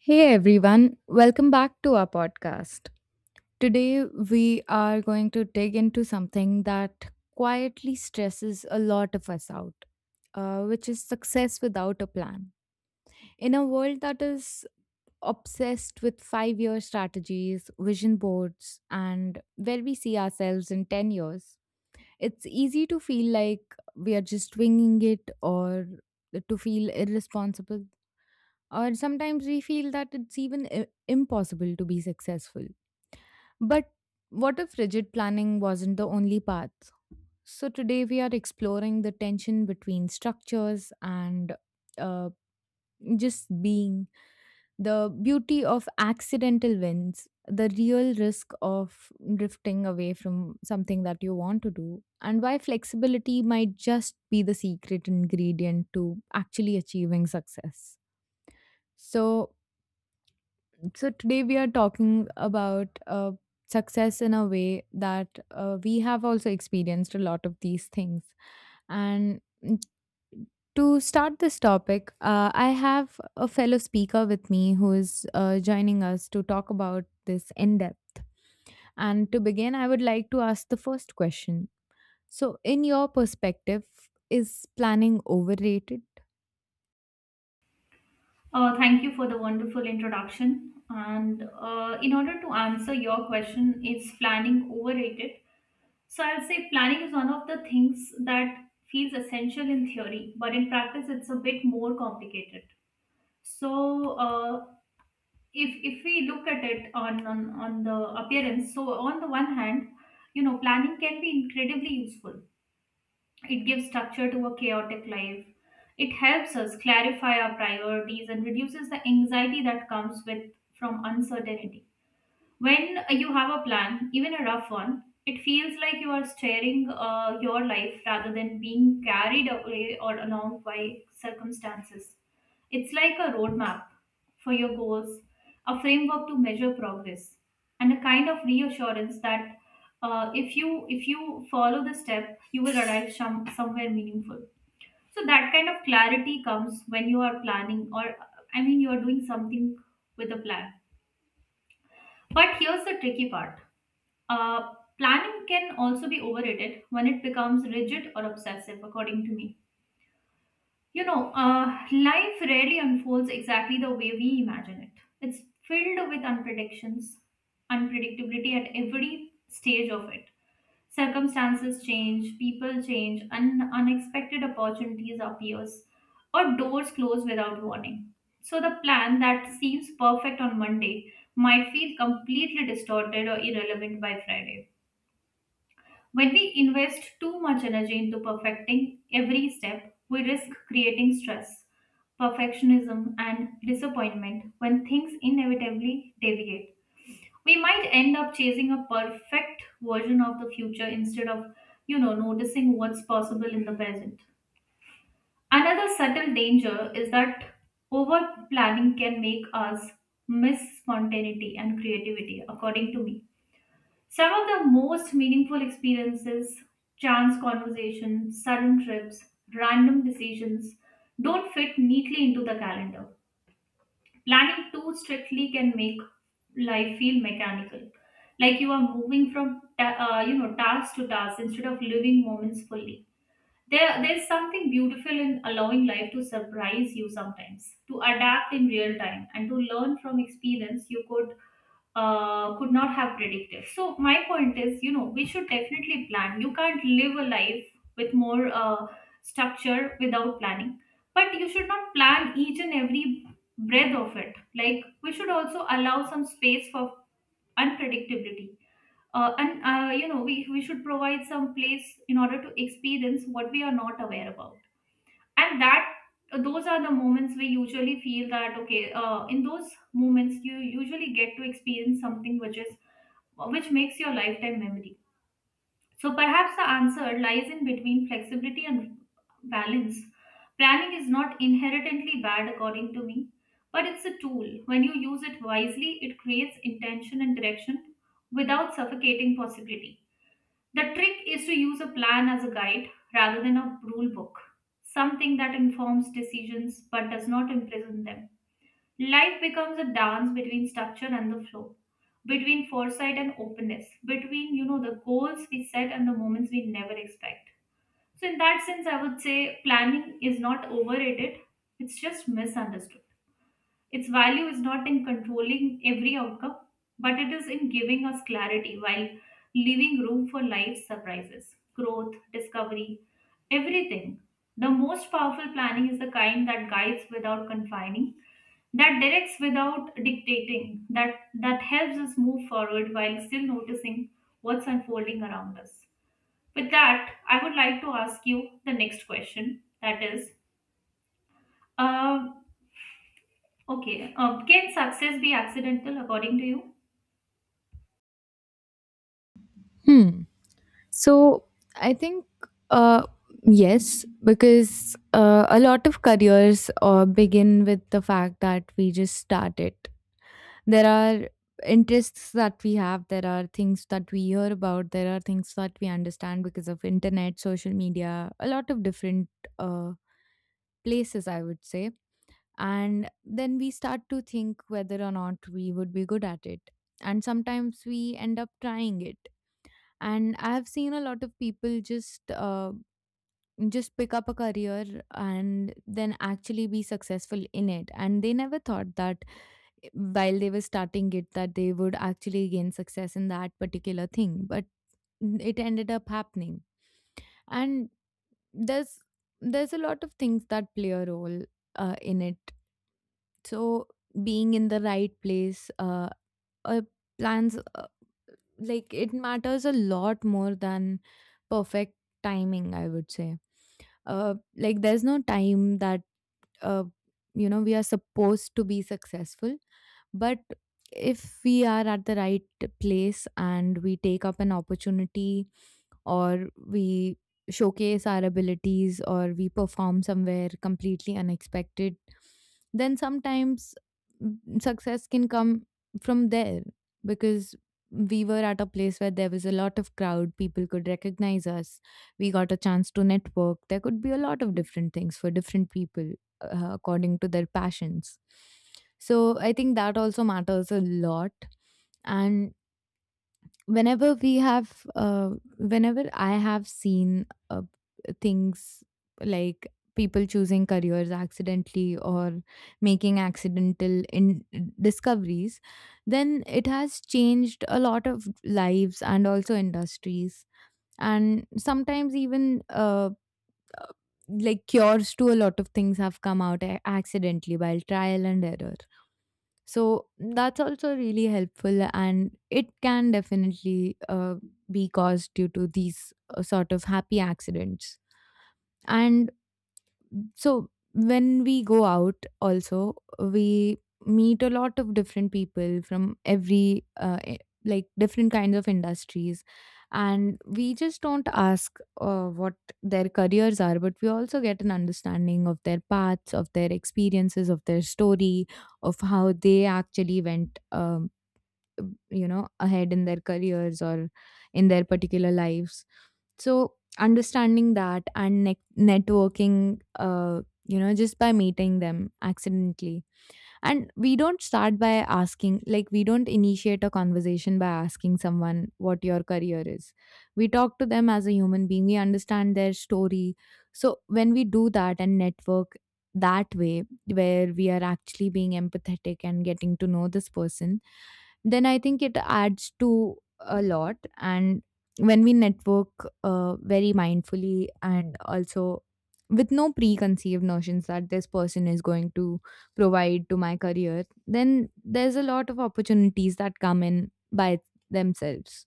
Hey everyone, welcome back to our podcast. Today we are going to dig into something that quietly stresses a lot of us out, which is success without a plan. In a world that is obsessed with 5-year strategies, vision boards, and where we see ourselves in 10 years, it's easy to feel like we are just winging it or to feel irresponsible, or sometimes we feel that it's even impossible to be successful. But what if rigid planning wasn't the only path? So today we are exploring the tension between structures and uh, just being, the beauty of accidental wins, the real risk of drifting away from something that you want to do, and why flexibility might just be the secret ingredient to actually achieving success. So, So today we are talking about success in a way that we have also experienced a lot of these things. And to start this topic, I have a fellow speaker with me who is joining us to talk about this in depth. And to begin, I would like to ask the first question. So, in your perspective, is planning overrated? Thank you for the wonderful introduction. And in order to answer your question, is planning overrated? So I'll say planning is one of the things that feels essential in theory, but in practice, it's a bit more complicated. So if we look at it on the appearance, so on the one hand, planning can be incredibly useful. It gives structure to a chaotic life. It helps us clarify our priorities and reduces the anxiety that comes with from uncertainty. When you have a plan, even a rough one, it feels like you are steering your life rather than being carried away or along by circumstances. It's like a roadmap for your goals, a framework to measure progress, and a kind of reassurance that if you follow the step, you will arrive somewhere meaningful. So that kind of clarity comes when you are planning, or I mean, you are doing something with a plan. But here's the tricky part. uh, Planning can also be overrated when it becomes rigid or obsessive, according to me. You know, life rarely unfolds exactly the way we imagine it. It's filled with unpredictions, unpredictability at every stage of it. Circumstances change, people change, and unexpected opportunities appears, or doors close without warning. So the plan that seems perfect on Monday might feel completely distorted or irrelevant by Friday. When we invest too much energy into perfecting every step, we risk creating stress, perfectionism, and disappointment when things inevitably deviate. We might end up chasing a perfect version of the future instead of, you know, noticing what's possible in the present. Another subtle danger is that over planning can make us miss spontaneity and creativity, according to me. Some of the most meaningful experiences, chance conversations, sudden trips, random decisions, don't fit neatly into the calendar. Planning too strictly can make life feel mechanical, like you are moving from task to task instead of living moments fully. There's something beautiful in allowing life to surprise you sometimes, to adapt in real time, and to learn from experience you could not have predicted. So my point is, we should definitely plan. You can't live a life with more structure without planning, but you should not plan each and every breath of it. Like we should also allow some space for unpredictability and we should provide some place in order to experience what we are not aware about, and that, those are the moments we usually feel that, okay, in those moments you usually get to experience something which makes your lifetime memory. So perhaps the answer lies in between flexibility and balance. Planning is not inherently bad, according to me, but it's a tool. When you use it wisely, it creates intention and direction without suffocating possibility. The trick is to use a plan as a guide rather than a rule book, something that informs decisions but does not imprison them. Life becomes a dance between structure and the flow, between foresight and openness, between, you know, the goals we set and the moments we never expect. So in that sense, I would say planning is not overrated; it's just misunderstood. Its value is not in controlling every outcome, but it is in giving us clarity while leaving room for life's surprises, growth, discovery, everything. The most powerful planning is the kind that guides without confining, that directs without dictating, that helps us move forward while still noticing what's unfolding around us. With that, I would like to ask you the next question, that is, uh, okay, can success be accidental according to you? Hmm. So I think uh, yes, because a lot of careers begin with the fact that we just start it. There are interests that we have. There are things that we hear about. There are things that we understand because of internet, social media, a lot of different uh, places, I would say. And then we start to think whether or not we would be good at it. And sometimes we end up trying it, and I've seen a lot of people just pick up a career and then actually be successful in it, and they never thought that while they were starting it that they would actually gain success in that particular thing, but it ended up happening. And there's there's a lot of things that play a role in it. So being in the right place, uh plans, like, it matters a lot more than perfect timing, I would say. Like, there's no time that, uh, we are supposed to be successful. But if we are at the right place and we take up an opportunity, or we showcase our abilities, or we perform somewhere completely unexpected, then sometimes success can come from there, because we were at a place where there was a lot of crowd, people could recognize us, we got a chance to network, there could be a lot of different things for different people according to their passions. So I think that also matters a lot. And whenever we have uh, whenever I have seen things like people choosing careers accidentally or making accidental in discoveries, then it has changed a lot of lives and also industries. And sometimes even like, cures to a lot of things have come out accidentally by trial and error. So that's also really helpful, and it can definitely be caused due to these sort of happy accidents. And so when we go out also, we meet a lot of different people from every like, different kinds of industries, and we just don't ask what their careers are, but we also get an understanding of their paths, of their experiences, of their story, of how they actually went ahead in their careers or in their particular lives. So understanding that and networking, just by meeting them accidentally, and we don't start by asking, like, we don't initiate a conversation by asking someone what your career is. We talk to them as a human being, we understand their story. So when we do that and network that way, where we are actually being empathetic and getting to know this person, then I think it adds to a lot. And when we network very mindfully and also with no preconceived notions that this person is going to provide to my career, then there's a lot of opportunities that come in by themselves.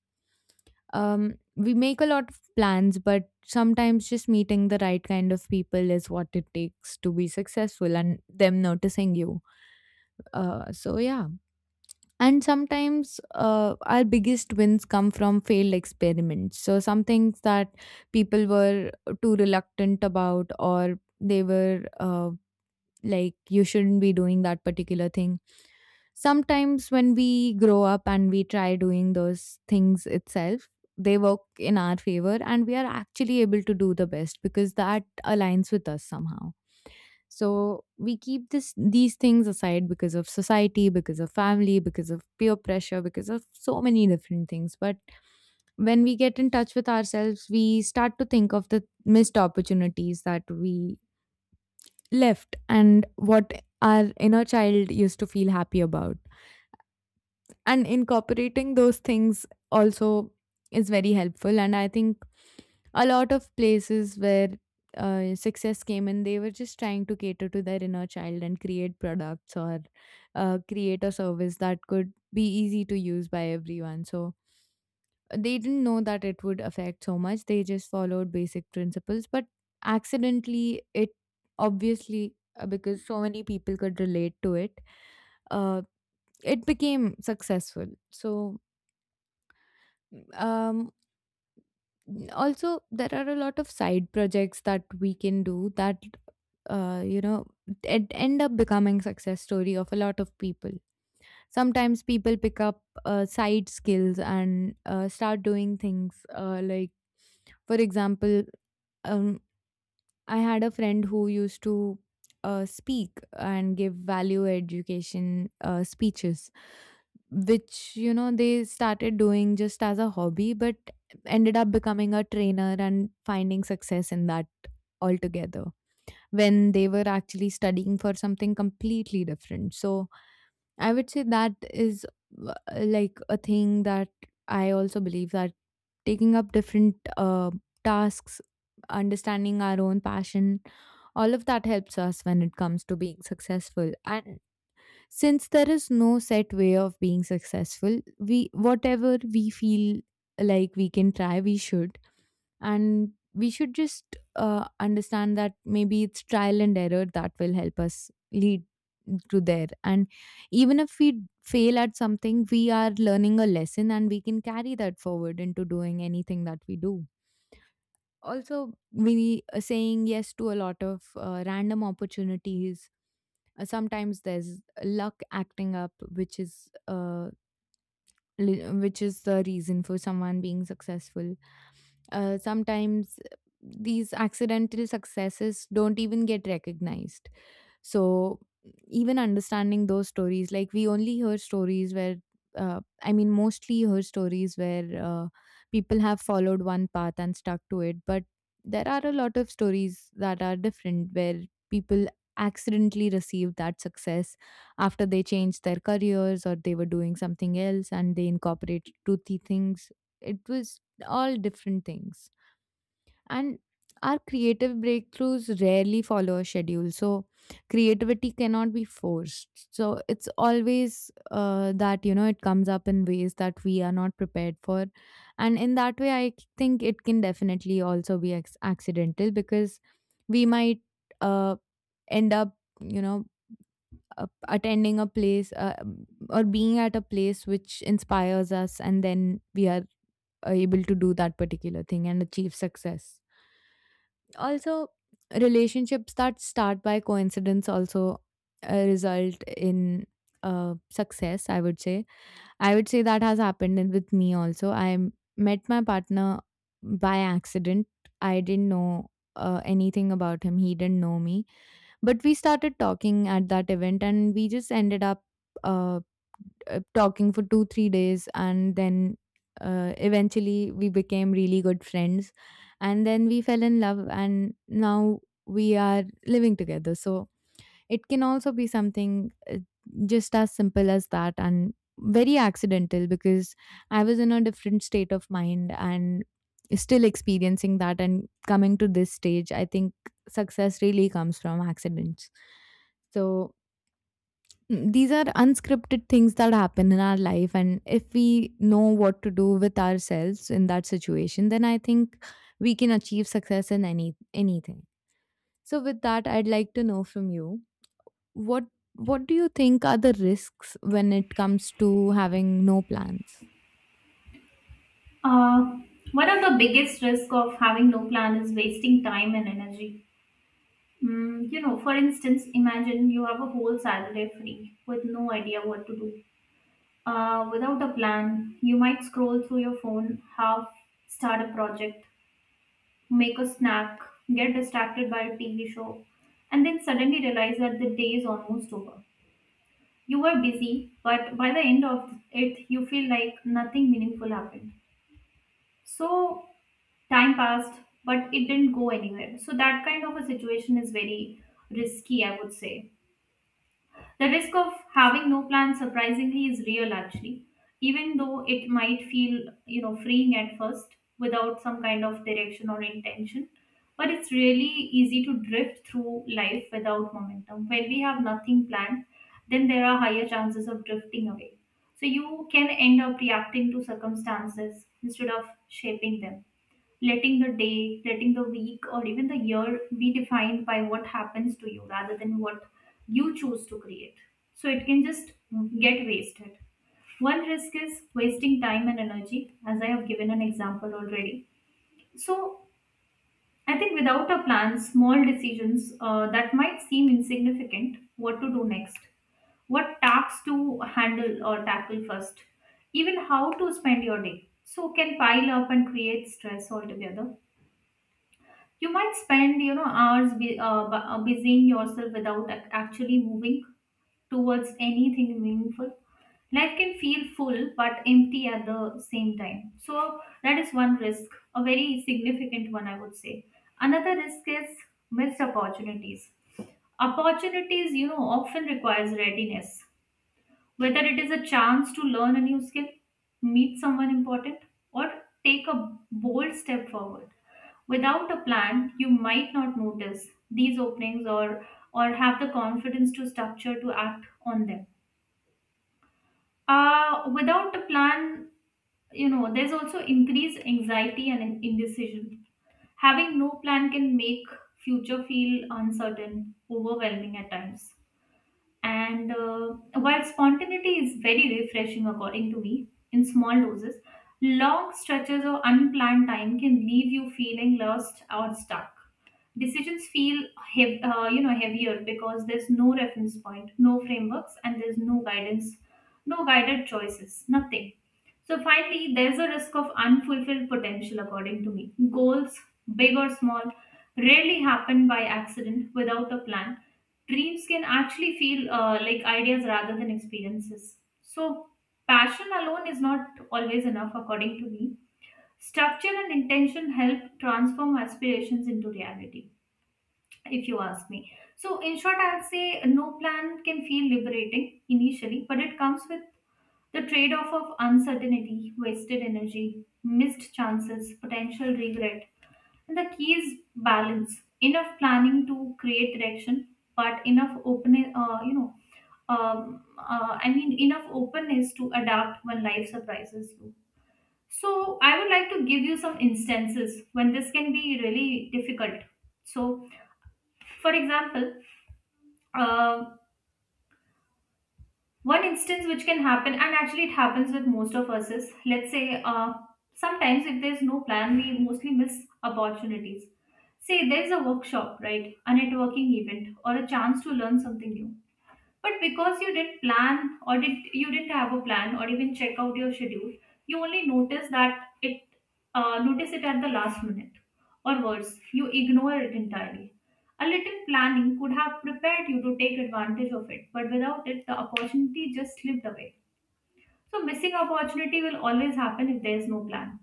We make a lot of plans, but sometimes just meeting the right kind of people is what it takes to be successful, and them noticing you. So, yeah. And sometimes our biggest wins come from failed experiments. So, some things that people were too reluctant about, or they were like, you shouldn't be doing that particular thing, sometimes when we grow up and we try doing those things itself, they work in our favor, and we are actually able to do the best because that aligns with us somehow. So we keep this these things aside because of society, because of family, because of peer pressure, because of so many different things. But when we get in touch with ourselves, we start to think of the missed opportunities that we left and what our inner child used to feel happy about. And incorporating those things also is very helpful. And I think a lot of places where success came in, they were just trying to cater to their inner child and create products, or create a service that could be easy to use by everyone. So they didn't know that it would affect so much. They just followed basic principles, but accidentally, it obviously, because so many people could relate to it, uh, it became successful. So, um, also, there are a lot of side projects that we can do, that uh, you know it end up becoming success story of a lot of people. Sometimes people pick up side skills and start doing things like, for example, um, I had a friend who used to speak and give value education speeches, which, they started doing just as a hobby, but ended up becoming a trainer and finding success in that altogether, when they were actually studying for something completely different. So, I would say that is like a thing that I also believe, that taking up different tasks, understanding our own passion, all of that helps us when it comes to being successful. And since there is no set way of being successful, we whatever we feel like we can try, we should, and we should just understand that maybe it's trial and error that will help us lead to there. And even if we fail at something, we are learning a lesson, and we can carry that forward into doing anything that we do. Also, we are saying yes to a lot of random opportunities. Sometimes there's luck acting up, which is which is the reason for someone being successful. Sometimes these accidental successes don't even get recognized. So, even understanding those stories, like, we only hear stories where, I mean, mostly hear stories where people have followed one path and stuck to it. But there are a lot of stories that are different, where people accidentally receive that success after they changed their careers, or they were doing something else and they incorporated toothy things. It was all different things. And our creative breakthroughs rarely follow a schedule. So creativity cannot be forced. So it's always that, it comes up in ways that we are not prepared for. And in that way, I think it can definitely also be accidental, because we might uh, end up, you know, attending a place, or being at a place which inspires us, and then we are able to do that particular thing and achieve success. Also, relationships that start by coincidence also result in success, I would say that has happened with me also. I met my partner by accident. I didn't know anything about him, he didn't know me, but we started talking at that event, and we just ended up uh, talking for 2, 3 days. And then eventually we became really good friends. And then we fell in love. And now we are living together. So it can also be something just as simple as that, and very accidental, because I was in a different state of mind and still experiencing that and coming to this stage. I think success really comes from accidents. So these are unscripted things that happen in our life, and if we know what to do with ourselves in that situation, then I think we can achieve success in anything. So with that, I'd like to know from you, what what do you think are the risks when it comes to having no plans? Uh, One of the biggest risks of having no plan is wasting time and energy. You know, for instance, imagine you have a whole Saturday free with no idea what to do. Without a plan, you might scroll through your phone, half start a project, make a snack, get distracted by a TV show, and then suddenly realize that the day is almost over. You were busy, but by the end of it, you feel like nothing meaningful happened. So, time passed, but it didn't go anywhere. So, that kind of a situation is very risky, I would say. The risk of having no plan surprisingly is real, actually, even though it might feel, freeing at first without some kind of direction or intention. But it's really easy to drift through life without momentum. When we have nothing planned, then there are higher chances of drifting away. So you can end up reacting to circumstances instead of shaping them, letting the day, letting the week, or even the year be defined by what happens to you rather than what you choose to create. So it can just get wasted. One risk is wasting time and energy, as I have given an example already. So I think without a plan, small decisions that might seem insignificant, what to do next, what tasks to handle or tackle first, even how to spend your day, so can pile up and create stress altogether. You might spend, you know, hours busying yourself without actually moving towards anything meaningful. Life can feel full but empty at the same time. So that is one risk, a very significant one, I would say. Another risk is missed opportunities. Opportunities, you know, often requires readiness, whether it is a chance to learn a new skill, meet someone important, or take a bold step forward. Without a plan, you might not notice these openings or have the confidence to structure to act on them. Without a plan, there's also increased anxiety and indecision. Having no plan can make future feel uncertain, overwhelming at times. And while spontaneity is very refreshing, according to me, in small doses, long stretches or unplanned time can leave you feeling lost or stuck. Decisions feel heavier because there's no reference point, no frameworks, and there's no guidance, no guided choices, nothing. So finally, there's a risk of unfulfilled potential, according to me. Goals, big or small, rarely happen by accident. Without a plan, dreams can actually feel like ideas rather than experiences. So, passion alone is not always enough, according to me. Structure and intention help transform aspirations into reality, if you ask me. So, in short, I'll say no plan can feel liberating initially, but it comes with the trade off of uncertainty, wasted energy, missed chances, potential regret. And the key is balance. Enough planning to create direction, but enough I mean, enough openness to adapt when life surprises you. So, I would like to give you some instances when this can be really difficult. So, for example, uh, one instance which can happen, and actually it happens with most of us, is let's say sometimes, if there's no plan, we mostly miss opportunities. Say there's a workshop, right? A networking event, or a chance to learn something new, but because you didn't plan or did you didn't have a plan or even check out your schedule, you only notice it at the last minute, or worse, you ignore it entirely. A little planning could have prepared you to take advantage of it, but without it, the opportunity just slipped away. So missing opportunity will always happen if there is no plan.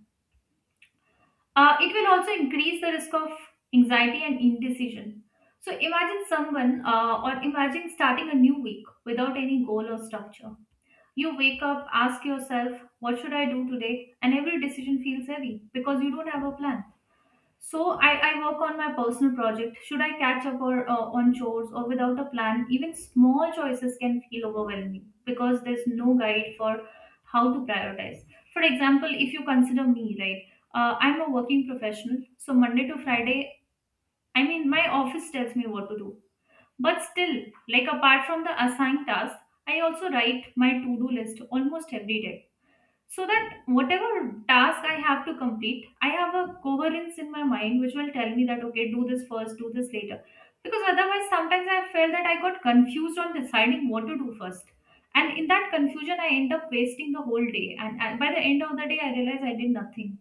It will also increase the risk of anxiety and indecision. So imagine someone, or imagine starting a new week without any goal or structure. You wake up, ask yourself, what should I do today? And every decision feels heavy because you don't have a plan. So I work on my personal project. Should I catch up or on chores or without a plan? Even small choices can feel overwhelming because there's no guide for how to prioritize. For example, if you consider me, right? I'm a working professional, so Monday to Friday, I mean, my office tells me what to do. But still, like apart from the assigned tasks, I also write my to do list almost every day, so that whatever task I have to complete, I have a coherence in my mind which will tell me that, okay, do this first, do this later, because otherwise sometimes I felt that I got confused on deciding what to do first, and in that confusion I end up wasting the whole day, and by the end of the day I realize I did nothing.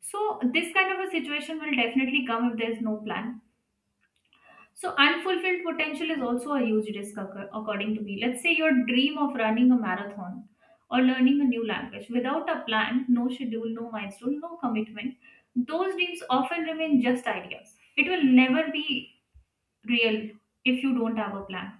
So this kind of a situation will definitely come if there's no plan. So, unfulfilled potential is also a huge risk, according to me. Let's say your dream of running a marathon or learning a new language without a plan, no schedule, no milestone, no commitment, those dreams often remain just ideas. It will never be real if you don't have a plan.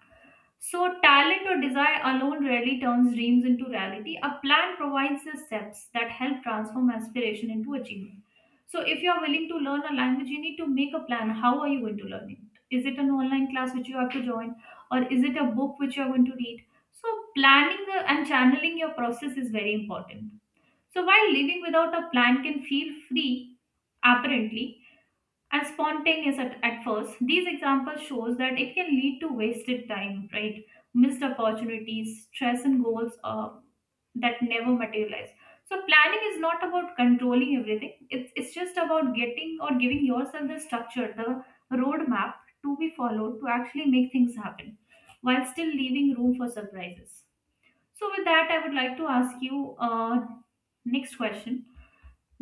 So, talent or desire alone rarely turns dreams into reality. A plan provides the steps that help transform aspiration into achievement. So, if you are willing to learn a language, you need to make a plan. How are you going to learn it? Is it an online class which you have to join, or is it a book which you are going to read? So, planning and channeling your process is very important. So, while living without a plan can feel free apparently, and spontaneous at first, these examples shows that it can lead to wasted time, right? Missed opportunities, stress, and goals that never materialize. So planning is not about controlling everything. It's just about getting or giving yourself the structure, the roadmap to be followed to actually make things happen, while still leaving room for surprises. So with that, I would like to ask you next question.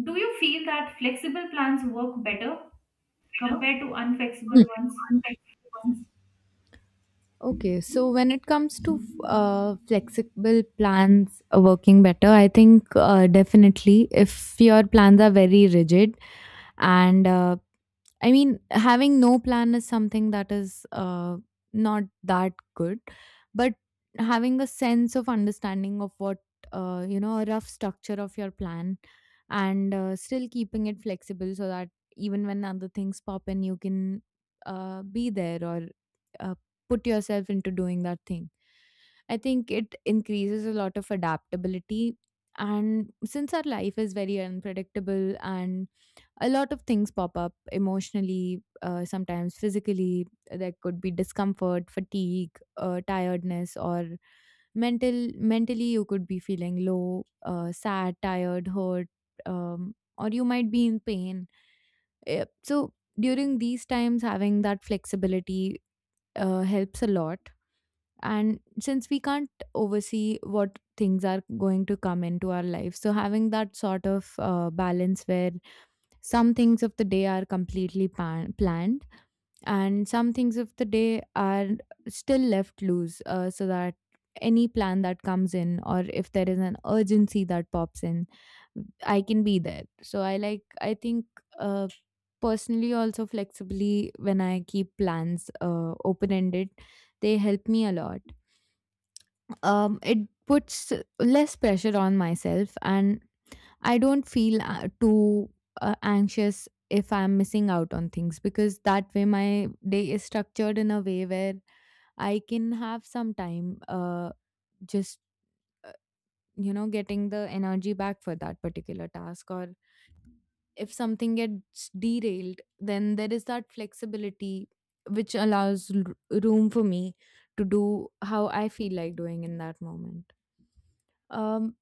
Do you feel that flexible plans work better compared to unflexible ones? Okay, so when it comes to flexible plans working better, I think definitely if your plans are very rigid and I mean, having no plan is something that is not that good, but having a sense of understanding of what, a rough structure of your plan and still keeping it flexible so that even when other things pop in, you can be there or uh, put yourself into doing that thing. I think it increases a lot of adaptability. And since our life is very unpredictable and a lot of things pop up emotionally, sometimes physically. There could be discomfort, fatigue, tiredness, or mental. Mentally, you could be feeling low, sad, tired, hurt, or you might be in pain. So during these times, having that flexibility helps a lot. And since we can't oversee what things are going to come into our life, so having that sort of balance where some things of the day are completely planned, and some things of the day are still left loose so that any plan that comes in, or if there is an urgency that pops in, I can be there. So I think uh, personally also flexibly when I keep plans open ended, they help me a lot. It puts less pressure on myself and I don't feel too anxious if I'm missing out on things because that way my day is structured in a way where I can have some time just uh, getting the energy back for that particular task or if something gets derailed then there is that flexibility which allows room for me to do how I feel like doing in that moment. um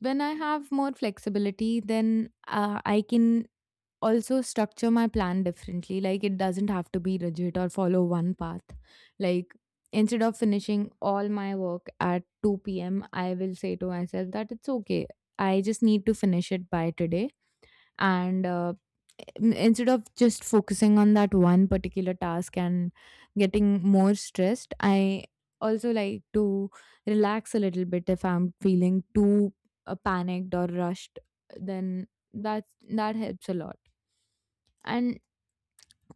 when I have more flexibility, then I can also structure my plan differently. Like it doesn't have to be rigid or follow one path. Like instead of finishing all my work at 2 p.m., I will say to myself that it's okay. I just need to finish it by today. And instead of just focusing on that one particular task and getting more stressed, I also like to relax a little bit if I'm feeling too panicked or rushed. Then that helps a lot. And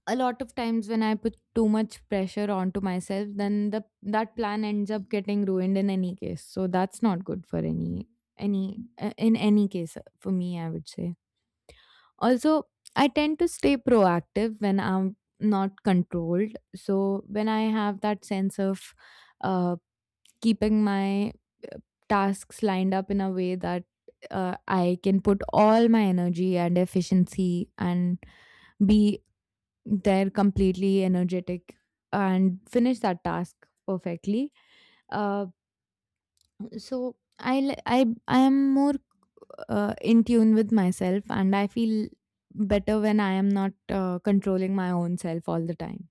a lot of times when I put too much pressure onto myself, then the that plan ends up getting ruined in any case. So that's not good for any in any case for me, I would say. Also, I tend to stay proactive when I'm not controlled. So when I have that sense of uh, keeping my uh, tasks lined up in a way that I can put all my energy and efficiency and be they're completely energetic and finish that task perfectly. Uh, so I li- I am more in tune with myself and I feel better when I am not controlling my own self all the time.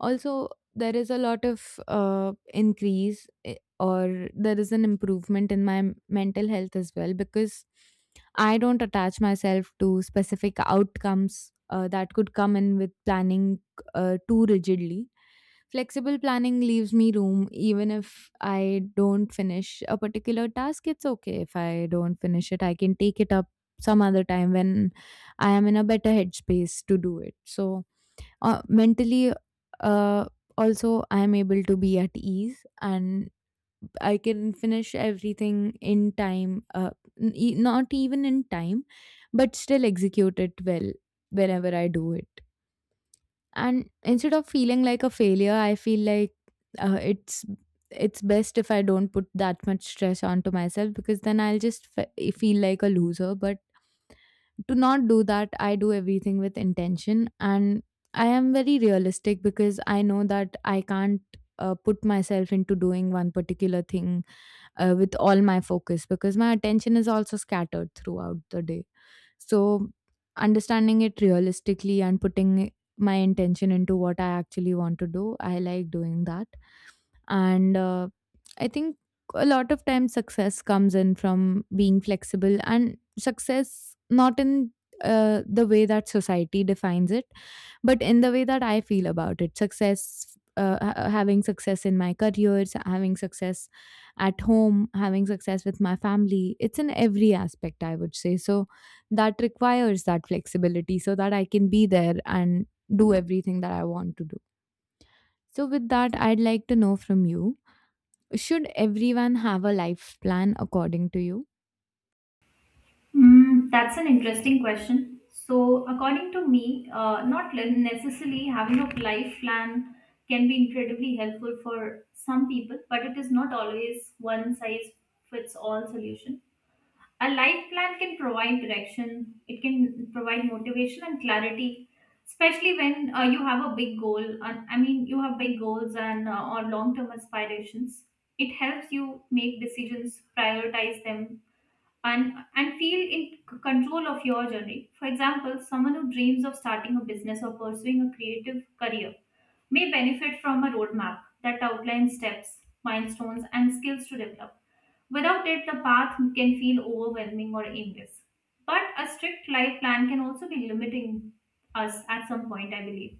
Also, there is a lot of or there is an improvement in my mental health as well because I don't attach myself to specific outcomes that could come in with planning too rigidly. Flexible planning leaves me room even if I don't finish a particular task. It's okay if I don't finish it. I can take it up some other time when I am in a better headspace to do it. So, mentally, uh, also, I am able to be at ease and I can finish everything in time, not even in time, but still execute it well whenever I do it. And instead of feeling like a failure, I feel like uh, it's it's best if I don't put that much stress onto myself because then I'll just feel like a loser. But to not do that, I do everything with intention, and I am very realistic because I know that I can't put myself into doing one particular thing with all my focus because my attention is also scattered throughout the day. So, understanding it realistically and putting my intention into what I actually want to do, I like doing that. And I think a lot of times success comes in from being flexible and success not in the way that society defines it but in the way that I feel about it, success, having success in my careers, having success at home, having success with my family, it's in every aspect, I would say. So that requires that flexibility so that I can be there and do everything that I want to do. So, with that, I'd like to know from you, should everyone have a life plan according to you? Mm, that's an interesting question. So, according to me, not necessarily having a life plan can be incredibly helpful for some people, but it is not always one size fits all solution. A life plan can provide direction, it can provide motivation and clarity, especially when you have a big goal. And, I mean, you have big goals and or long term aspirations. It helps you make decisions, prioritize them, and feel in control of your journey. For example, someone who dreams of starting a business or pursuing a creative career may benefit from a roadmap that outlines steps, milestones, and skills to develop. Without it, the path can feel overwhelming or aimless. But a strict life plan can also be limiting us at some point, I believe.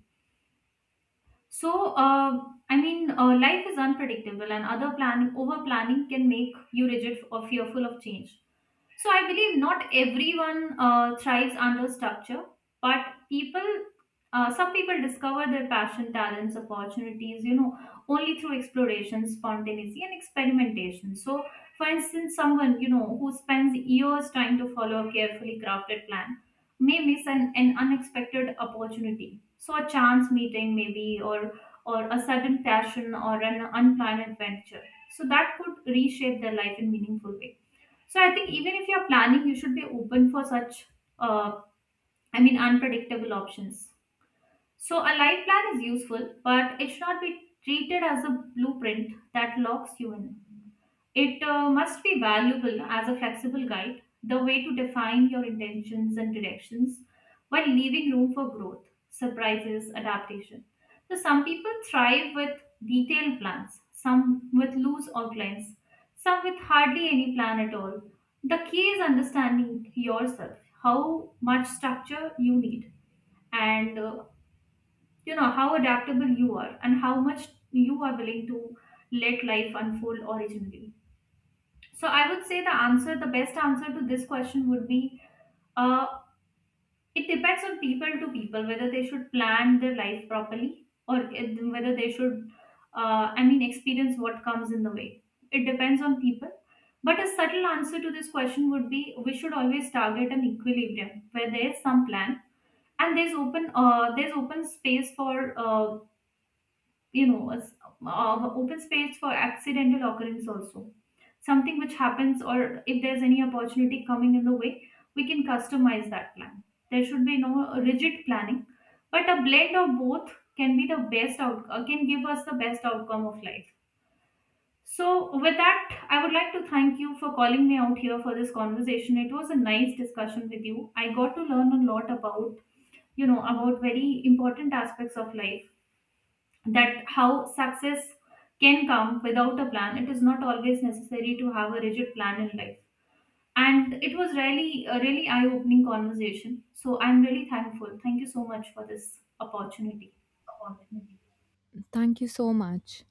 So, I mean, life is unpredictable, and over planning can make you rigid or fearful of change. So I believe not everyone thrives under structure, but people, some people discover their passion, talents, opportunities, you know, only through exploration, spontaneity, and experimentation. So, for instance, someone you know who spends years trying to follow a carefully crafted plan may miss an unexpected opportunity. So a chance meeting, maybe, or a sudden passion or an unplanned adventure. So that could reshape their life in meaningful ways. So I think even if you're planning, you should be open for such, uh, I mean, unpredictable options. So a life plan is useful, but it should not be treated as a blueprint that locks you in. It must be valuable, no, as a flexible guide, the way to define your intentions and directions while leaving room for growth, surprises, adaptation. So, some people thrive with detailed plans, some with loose outlines, some with hardly any plan at all. The key is understanding yourself, how much structure you need, and you know, how adaptable you are, and how much you are willing to let life unfold originally. So I would say the answer, the best answer to this question would be uh, it depends on people to people whether they should plan their life properly or whether they should, I mean, experience what comes in the way. It depends on people. But a subtle answer to this question would be we should always target an equilibrium where there is some plan and there's open space for you know, open space for accidental occurrence also. Something which happens, or if there's any opportunity coming in the way, we can customize that plan. There should be no rigid planning, but a blend of both can be the best out can give us the best outcome of life. So, with that, I would like to thank you for calling me out here for this conversation. It was a nice discussion with you. I got to learn a lot about, you know, about very important aspects of life, that how success can come without a plan. It is not always necessary to have a rigid plan in life. And it was really a really eye opening conversation, so I'm really thankful. Thank you so much for this opportunity. Thank you so much.